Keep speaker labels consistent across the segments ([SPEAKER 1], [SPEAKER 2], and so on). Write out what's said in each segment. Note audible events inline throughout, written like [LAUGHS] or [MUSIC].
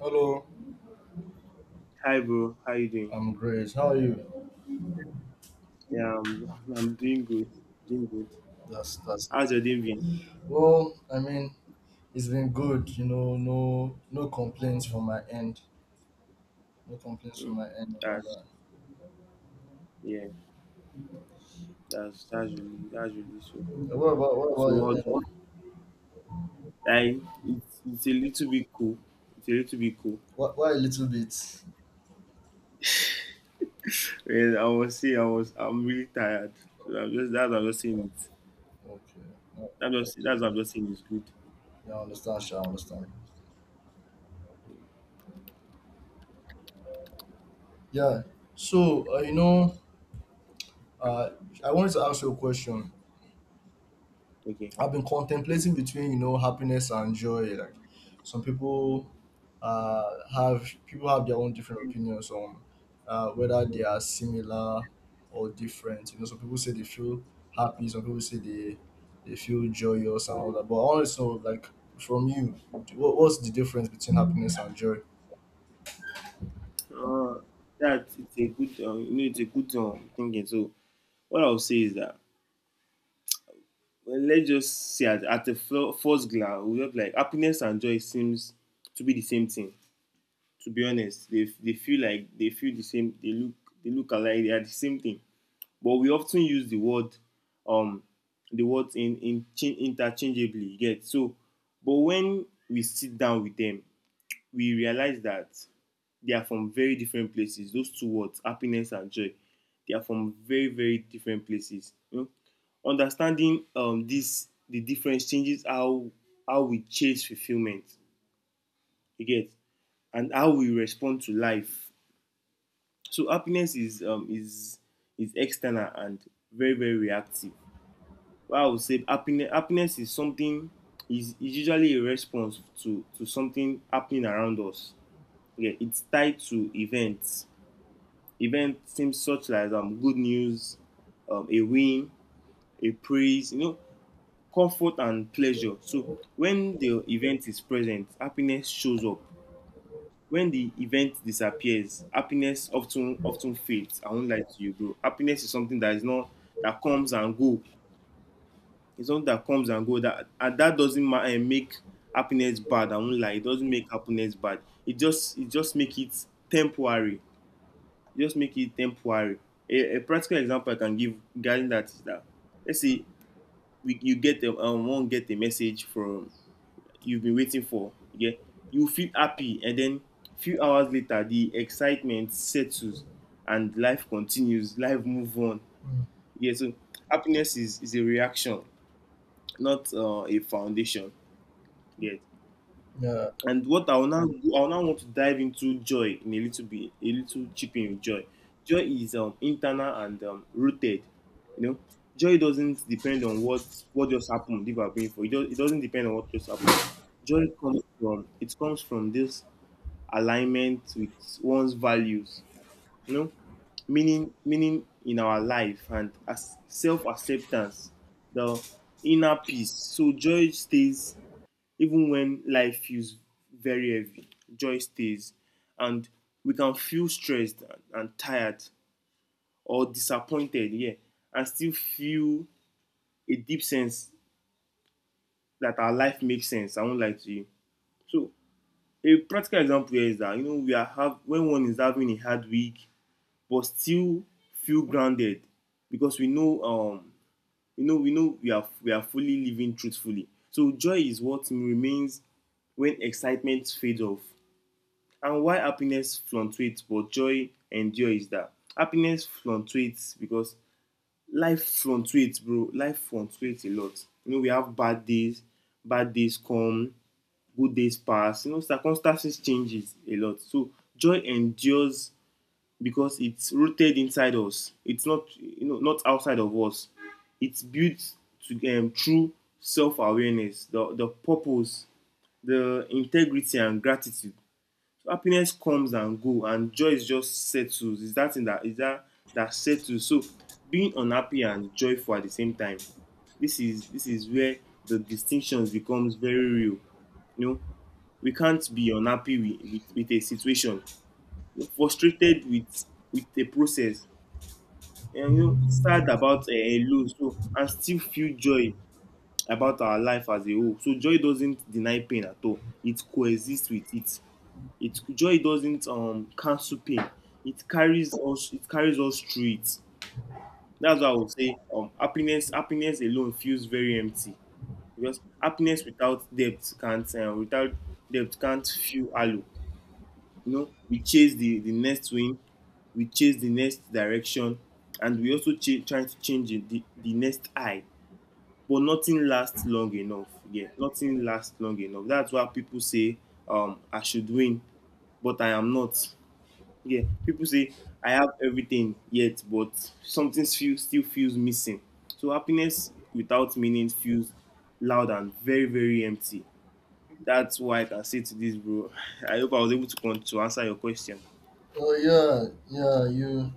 [SPEAKER 1] Hello,
[SPEAKER 2] Hi, bro. How you doing?
[SPEAKER 1] I'm great. How are you?
[SPEAKER 2] Yeah, I'm doing good. Doing good.
[SPEAKER 1] That's
[SPEAKER 2] How's your day been?
[SPEAKER 1] well, it's been good, no complaints from my end. No complaints from
[SPEAKER 2] Mm.
[SPEAKER 1] my end and all
[SPEAKER 2] That's,
[SPEAKER 1] that.
[SPEAKER 2] yeah, that's really so
[SPEAKER 1] What about
[SPEAKER 2] cool. So
[SPEAKER 1] your
[SPEAKER 2] what?
[SPEAKER 1] end?
[SPEAKER 2] Like it's a little bit cool. It's a little bit cool.
[SPEAKER 1] What why a little bit?
[SPEAKER 2] Well, I was saying I'm really tired. So I'm just that's what I'm just saying it.
[SPEAKER 1] Okay. Yeah,
[SPEAKER 2] That's just, that's what I'm just saying, it's good.
[SPEAKER 1] yeah, I understand, sure, I understand. Yeah. So uh I wanted to ask you a question.
[SPEAKER 2] Okay.
[SPEAKER 1] I've been contemplating between happiness and joy. Like some people uh, have people have their own different opinions on whether they are similar or different. You know, some people say they feel happy, some people say they feel joyous and all that. But I want to know, like from you, what, what's the difference between happiness and joy?
[SPEAKER 2] Uh, that It's a good thinking. So what I'll say is that, well, let's just say at a first glance, we just like happiness and joy seems to be the same thing. To be honest, they feel like they feel the same. They look alike. They are the same thing. But we often use um, the words in interchangeably. You get, so, but when we sit down with them, we realize that they are from very different places. Those two words, happiness and joy, they are from very, very different places. Understanding the difference changes how we chase fulfillment. You get, and how we respond to life. So happiness is external and very, very reactive. Well, I would say happiness is something is usually a response to something happening around us. Yeah, it's tied to events, event seems, such as good news, a win, a praise, comfort and pleasure. So when the event is present, happiness shows up. When the event disappears, happiness often fades. I won't lie to you, bro. Happiness is something that is not, that comes and go. It's something that comes and go. That doesn't make happiness bad. I won't lie. It doesn't make happiness bad. It just make it temporary. Just make it temporary. A practical example I can give regarding that is that, let's say, one get a message from, you've been waiting for, yeah, you feel happy, and then few hours later the excitement settles and life continues, life move on.
[SPEAKER 1] Mm.
[SPEAKER 2] Yeah, so happiness is a reaction, not a foundation. Yeah.
[SPEAKER 1] Yeah.
[SPEAKER 2] And what I will now want to dive into joy in a little bit, a little chip in with joy. Joy is internal and rooted. You know, joy doesn't depend on what just happened. If I've been for it, do, it doesn't depend on what just happened. Joy comes from it comes from this alignment with one's values. You know, meaning in our life and as self acceptance, the inner peace. So joy stays even when life feels very heavy, joy stays. And we can feel stressed tired or disappointed, yeah, and still feel a deep sense that our life makes sense. I won't lie to you. So a practical example here is that, we are have when one is having a hard week but still feel grounded because we know we are fully living truthfully. So joy is what remains when excitement fades off. And why happiness fluctuates, but joy endures is that. Happiness fluctuates because life fluctuates, bro. Life fluctuates a lot. You know, we have bad days come, good days pass. You know, circumstances changes a lot. So joy endures because it's rooted inside us. It's not, not outside of us. It's built to through self-awareness, the purpose, the integrity, and gratitude. Happiness comes and go, and joy is just settles. It's that thing that is that that settles. So being unhappy and joyful at the same time. This is where the distinctions becomes very real. You know, we can't be unhappy with a situation. We're frustrated with a process, and, sad about a loss, so, and still feel joy about our life as a whole. So joy doesn't deny pain at all. It coexists with it. Joy doesn't cancel pain. It carries us. It carries us through it. That's why I would say, happiness. Happiness alone feels very empty because happiness without depth can't without depth can't feel hollow. We chase the next win, we chase the next direction, and we also try to change it, the next eye. But nothing lasts long enough. Yeah, nothing lasts long enough. That's why people say, I should win, but I am not. Yeah, people say I have everything yet, but something still feels missing. So happiness without meaning feels loud and very, very empty. That's why I can say to this, bro. [LAUGHS] I hope I was able to to answer your question.
[SPEAKER 1] Oh yeah, yeah. You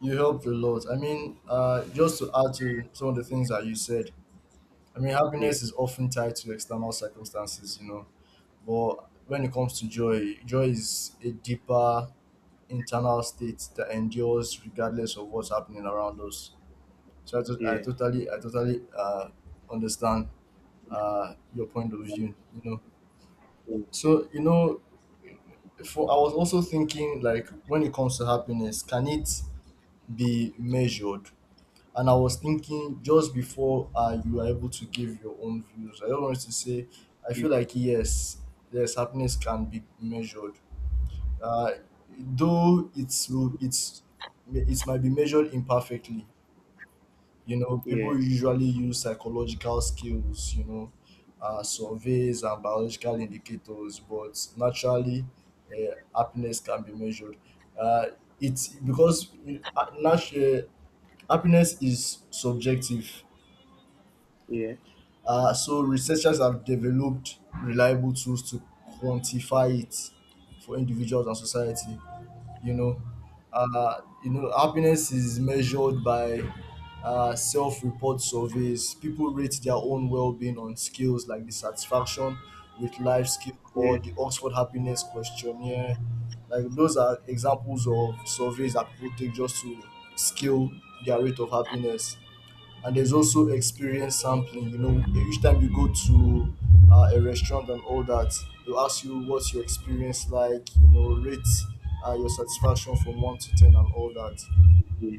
[SPEAKER 1] you helped a lot. Just to add to some of the things that you said, I mean,
[SPEAKER 2] Yeah,
[SPEAKER 1] happiness is often tied to external circumstances, you know, but when it comes to joy, joy is a deeper internal state that endures regardless of what's happening around us. So I,
[SPEAKER 2] yeah,
[SPEAKER 1] I totally understand your point of view, you know.
[SPEAKER 2] yeah,
[SPEAKER 1] So, you know, for I was also thinking like when it comes to happiness, can it be measured? And I was thinking just before you were able to give your own views, I just wanted to say I feel like yes, yes, happiness can be measured. Uh, though it's it might be measured imperfectly. You know, people
[SPEAKER 2] yeah,
[SPEAKER 1] usually use psychological skills. You know, surveys and biological indicators, but naturally, happiness can be measured. Uh, it's because uh, natu- uh, happiness is subjective.
[SPEAKER 2] yeah,
[SPEAKER 1] So researchers have developed reliable tools to quantify it for individuals and society. You know, happiness is measured by self-report surveys. People rate their own well-being on scales like the satisfaction with life scale
[SPEAKER 2] yeah,
[SPEAKER 1] or the Oxford Happiness Questionnaire. Like those are examples of surveys that people take just to scale their rate of happiness. And there's also experience sampling, you know, each time you go to a restaurant and all that, they'll ask you what's your experience like, you know, rate your satisfaction from 1 to 10 and all that.
[SPEAKER 2] yeah,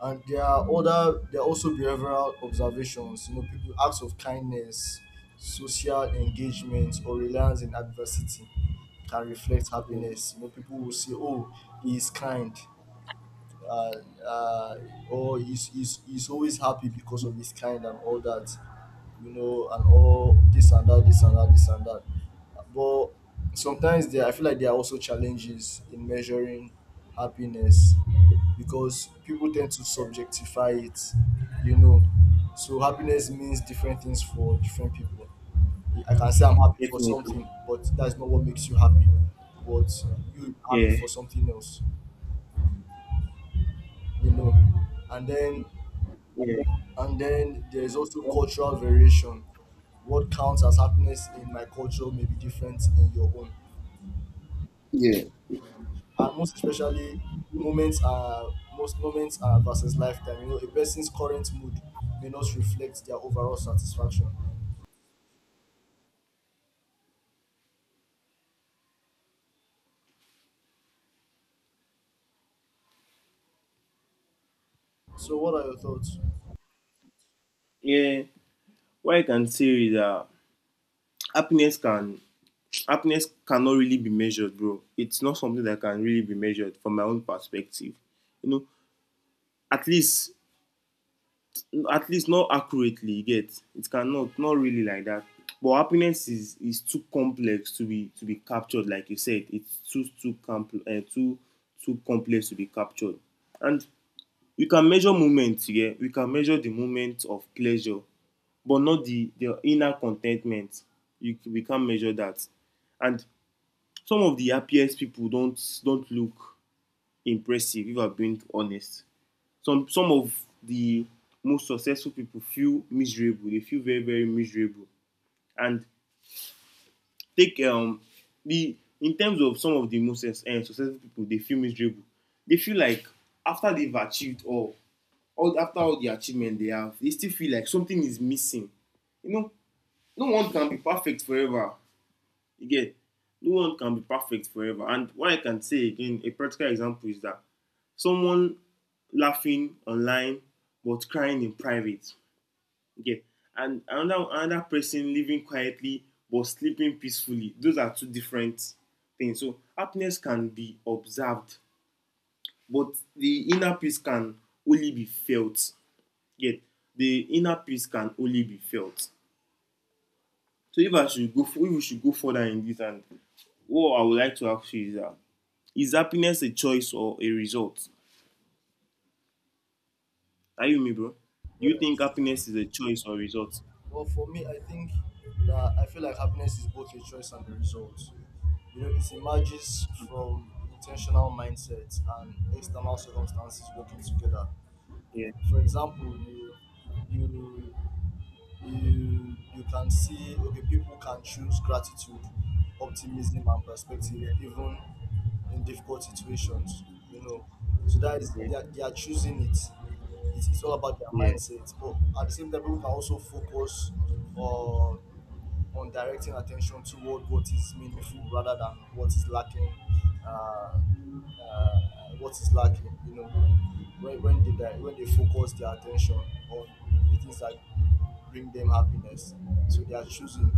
[SPEAKER 1] And there are also behavioral observations. You know, people, acts of kindness, social engagement or reliance in adversity can reflect
[SPEAKER 2] yeah.
[SPEAKER 1] happiness. You know, people will say, oh, he is kind, uh, uh, oh, he's always happy because of his kind and all that, you know, and all this and that, this and that, this and that. But sometimes there, I feel like there are also challenges in measuring happiness because people tend to subjectify it, you know. So happiness means different things for different people. I can say I'm happy for
[SPEAKER 2] Definitely.
[SPEAKER 1] something, but that's not what makes you happy. But you happy
[SPEAKER 2] Yeah,
[SPEAKER 1] for something else, you know. And then
[SPEAKER 2] yeah,
[SPEAKER 1] and then there's also cultural variation. What counts as happiness in my culture may be different in your own. And most especially, moments are most moments are versus lifetime. You know, a person's current mood may not reflect their overall satisfaction. So what are your thoughts?
[SPEAKER 2] yeah. What I can say is that happiness can happiness cannot really be measured, bro. It's not something that can really be measured from my own perspective. You know, at least at least not accurately, you get. It cannot, not really like that. But happiness is too complex to be captured, like you said. It's too, too complex to be captured. And we can measure moments, yeah. We can measure the moment of pleasure, but not the inner contentment. We can't measure that. And some of the happiest people don't look impressive, if I'm being honest. Some of the most successful people feel miserable. They feel very, very miserable. And take the in terms of some of the most successful people, they feel miserable. They feel like, after they've achieved all, after all the achievement they have, they still feel like something is missing. you know no one can be perfect forever. Again, no one can be perfect forever, and what I can say again, a practical example is that someone laughing online but crying in private. Okay. And another person living quietly but sleeping peacefully. Those are two different things. So happiness can be observed, but the inner peace can only be felt. Yeah. The inner peace can only be felt. So if we should go further in this, and what I would like to ask you is that, is happiness a choice or a result? Are you me, bro? Do you think
[SPEAKER 1] Yes.
[SPEAKER 2] happiness is a choice or a result?
[SPEAKER 1] Well, for me, I think that I feel like happiness is both a choice and a result. You know, it emerges from intentional mindsets and external circumstances working together.
[SPEAKER 2] Yeah,
[SPEAKER 1] For example, you you can see, okay, people can choose gratitude, optimism and perspective even in difficult situations, you know, so that is,
[SPEAKER 2] yeah,
[SPEAKER 1] they are choosing it. It's all about their
[SPEAKER 2] yeah,
[SPEAKER 1] mindset. But at the same time, people can also focus on directing attention toward what is meaningful rather than what is lacking. Uh, uh, what is lacking, you know, when they di- when they focus their attention on the things that bring them happiness, so they are choosing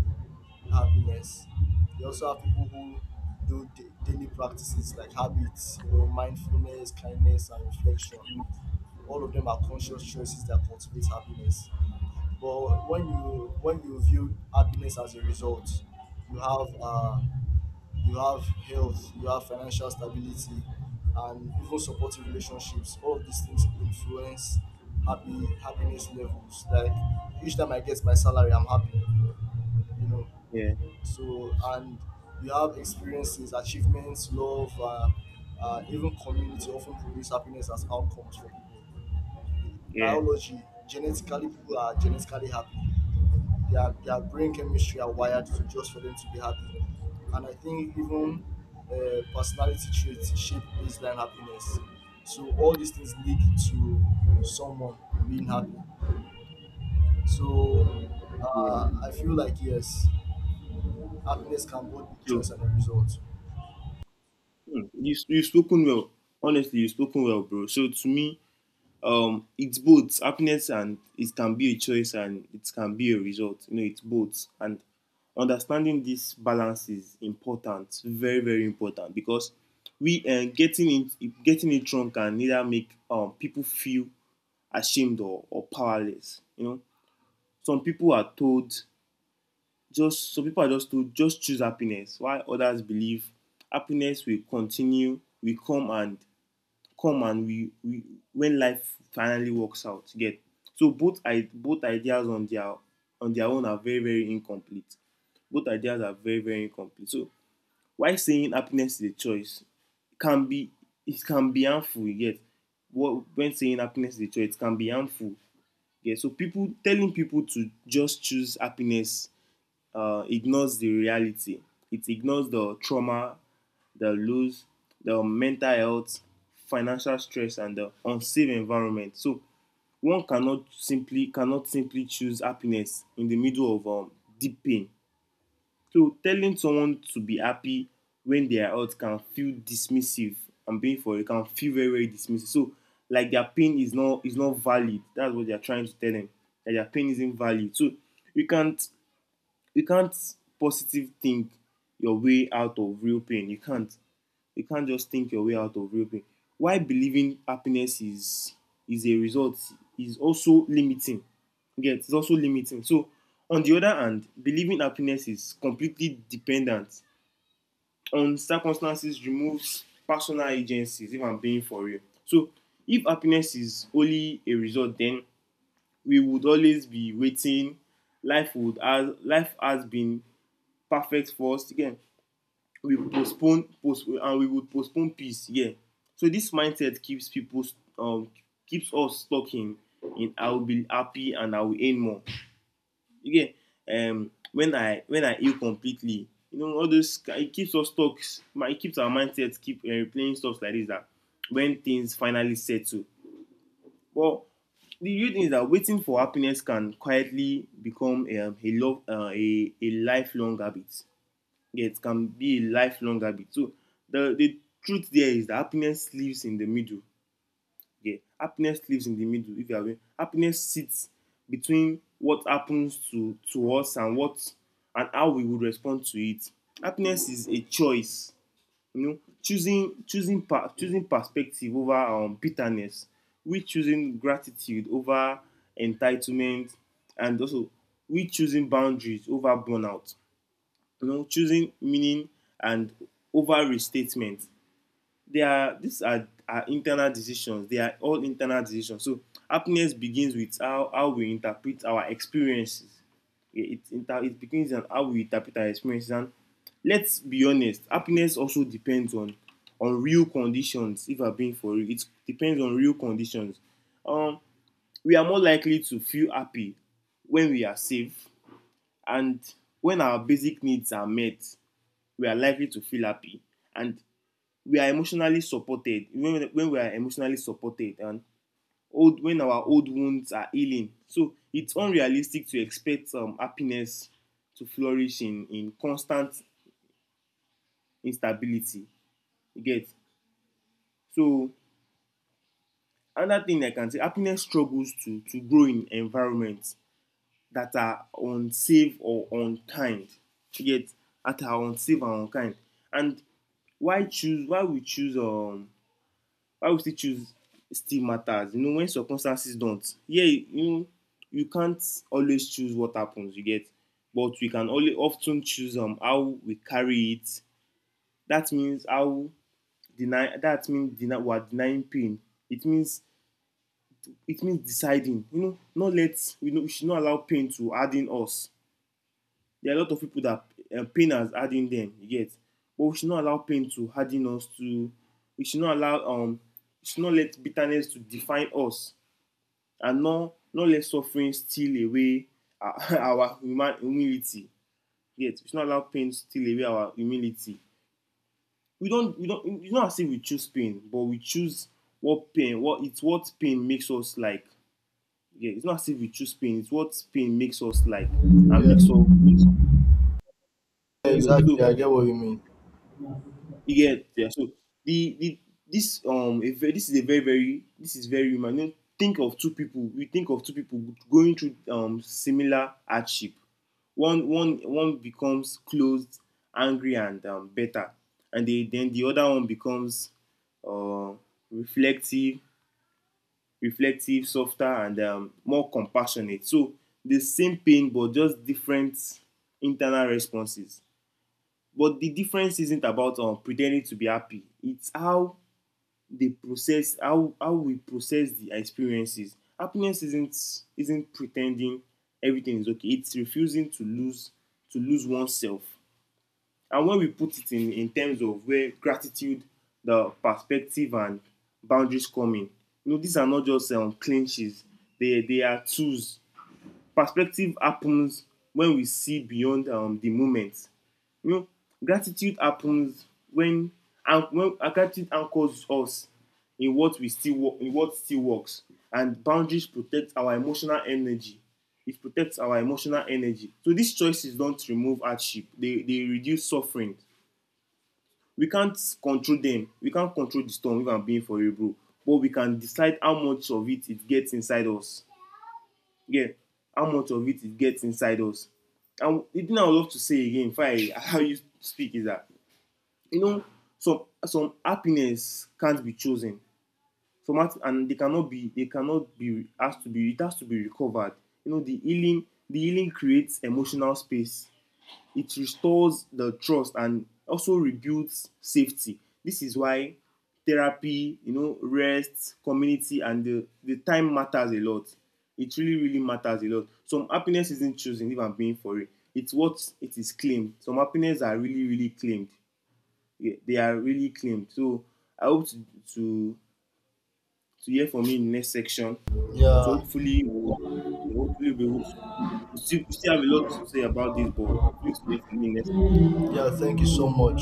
[SPEAKER 1] happiness. You also have people who do daily practices like habits, you know, mindfulness, kindness, and reflection. All of them are conscious choices that cultivate happiness. But when you view happiness as a result, you have uh, you have health, you have financial stability, and even supportive relationships. All of these things influence happy happiness levels. Like each time I get my salary, I'm happy. You know,
[SPEAKER 2] yeah,
[SPEAKER 1] so and you have experiences, achievements, love, even community often produce happiness as outcomes for people. In
[SPEAKER 2] yeah,
[SPEAKER 1] biology, genetically people are genetically happy, their brain chemistry are wired to just for them to be happy. And I think even personality traits shape baseline happiness. So all these things lead to someone being happy. So
[SPEAKER 2] yeah.
[SPEAKER 1] I feel like yes, happiness can both be
[SPEAKER 2] So,
[SPEAKER 1] choice and a result.
[SPEAKER 2] you've spoken well. Honestly, you've spoken well, bro. So to me, it's both, happiness, and it can be a choice and it can be a result. It's both. And understanding this balance is important, very, very important, because we getting it wrong can either make people feel ashamed or powerless. Some people are told, just some people are just to just choose happiness, while others believe happiness will come, and come, and we when life finally works out, get. So both ideas on their own are very, very incomplete. Both ideas are very, very incomplete. So why saying happiness is a choice can be, it can be harmful, you get. What When saying happiness is a choice, it can be harmful, you get. So people telling people to just choose happiness ignores the reality. It ignores the trauma, the loss, the mental health, financial stress, and the unsafe environment. So one cannot simply choose happiness in the middle of deep pain. So telling someone to be happy when they are out can feel dismissive. I'm being for it, can feel very, very dismissive. So, like, their pain is not valid. That's what they are trying to tell them. That their pain isn't valid. So you can't you can't positive think your way out of real pain. You can't. You can't just think your way out of real pain. Why believing happiness is a result is also limiting. Yes, it's also limiting. So on the other hand, believing happiness is completely dependent on circumstances removes personal agencies, if I'm being for real. So if happiness is only a result, then we would always be waiting. Life would as life has been perfect first, again, we postpone, and we would postpone peace, yeah. So this mindset keeps people um keeps us stuck in I will be happy and I will earn more, you when I heal completely, you know, all those. It keeps us stuck, my it keeps our mindset keep replaying stuff like this that when things finally settle. But the real thing is that waiting for happiness can quietly become a love a lifelong habit, get can be a lifelong habit. So the truth there is that happiness lives in the middle. Yeah, happiness lives in the middle. If you have happiness, sits between what happens to us and what, and how we would respond to it. Happiness is a choice, you know, choosing perspective over bitterness, we choosing gratitude over entitlement, and also we choosing boundaries over burnout, you know, choosing meaning and over restatement. They are these are internal decisions. They are all internal decisions. So happiness begins with how we interpret our experiences. It, it, it begins on how we interpret our experiences. And let's be honest, happiness also depends on real conditions. If I'm being for real, it depends on real conditions. Um, we are more likely to feel happy when we are safe, and when our basic needs are met, we are likely to feel happy, and we are emotionally supported when we are emotionally supported, and old when our old wounds are healing. So it's unrealistic to expect happiness to flourish in constant instability, you get. So another thing I can say, happiness struggles to grow in environment that are unsafe or unkind, you get, that are unsafe and unkind. And why choose why we choose why would you choose still matters, you know, when circumstances don't, yeah, you know, you can't always choose what happens, you get. But we can only often choose how we carry it. That means how, deny that means deny we are denying pain. It means, it means deciding, you know, not let. We know we should not allow pain to add in us. There are a lot of people that pain has add in them, you get. But we should not allow pain to harden us to, we should not allow we should not let bitterness to define us, and not let suffering steal away our, [LAUGHS] human humility. Yet we should not allow pain to steal away our humility. We don't it's not as if we choose pain, but we choose what pain makes us like. Yeah, it's not as if we choose pain, it's what pain makes us like, and
[SPEAKER 1] Yeah,
[SPEAKER 2] makes us, yeah.
[SPEAKER 1] exactly.
[SPEAKER 2] So
[SPEAKER 1] I get what you mean.
[SPEAKER 2] you get, yeah. So the this a ve- this is a very very this is very human. You know, think of two people. You think of two people going through similar hardship. One becomes closed, angry, and better, and then the other one becomes uh, reflective, reflective, softer, and more compassionate. So the same pain, but just different internal responses. But the difference isn't about pretending to be happy. It's how they process how we process the experiences. Happiness isn't pretending everything is okay. It's refusing to lose oneself. And when we put it in terms of where gratitude, the perspective, and boundaries come in, you know, these are not just clinches. They are tools. Perspective happens when we see beyond the moment, you know, gratitude happens when, and when gratitude anchors us in what we still in what still works, and boundaries protect our emotional energy. It protects our emotional energy. So these choices don't remove hardship; they reduce suffering. We can't control them. We can't control the storm. If I'm being for you, bro, but we can decide how much of it it gets inside us. Yeah, how much of it it gets inside us. And the thing I would love to say again, if I [LAUGHS] allow you to speak, is that, you know, some happiness can't be chosen. Some hap- and they cannot be asked to be, it has to be recovered. You know, the healing creates emotional space, it restores the trust and also rebuilds safety. This is why therapy, you know, rest, community, and the time matters a lot. It really matters a lot. Some happiness isn't chosen, if I'm being for it, it's what it is claimed. Some happiness are really really claimed. Yeah, they are really clean. So I hope to, to hear from you in the next section. So
[SPEAKER 1] Yeah,
[SPEAKER 2] hopefully we'll, we still have a lot to say about this, but hopefully to hear from you in the next section.
[SPEAKER 1] yeah. Thank you so much.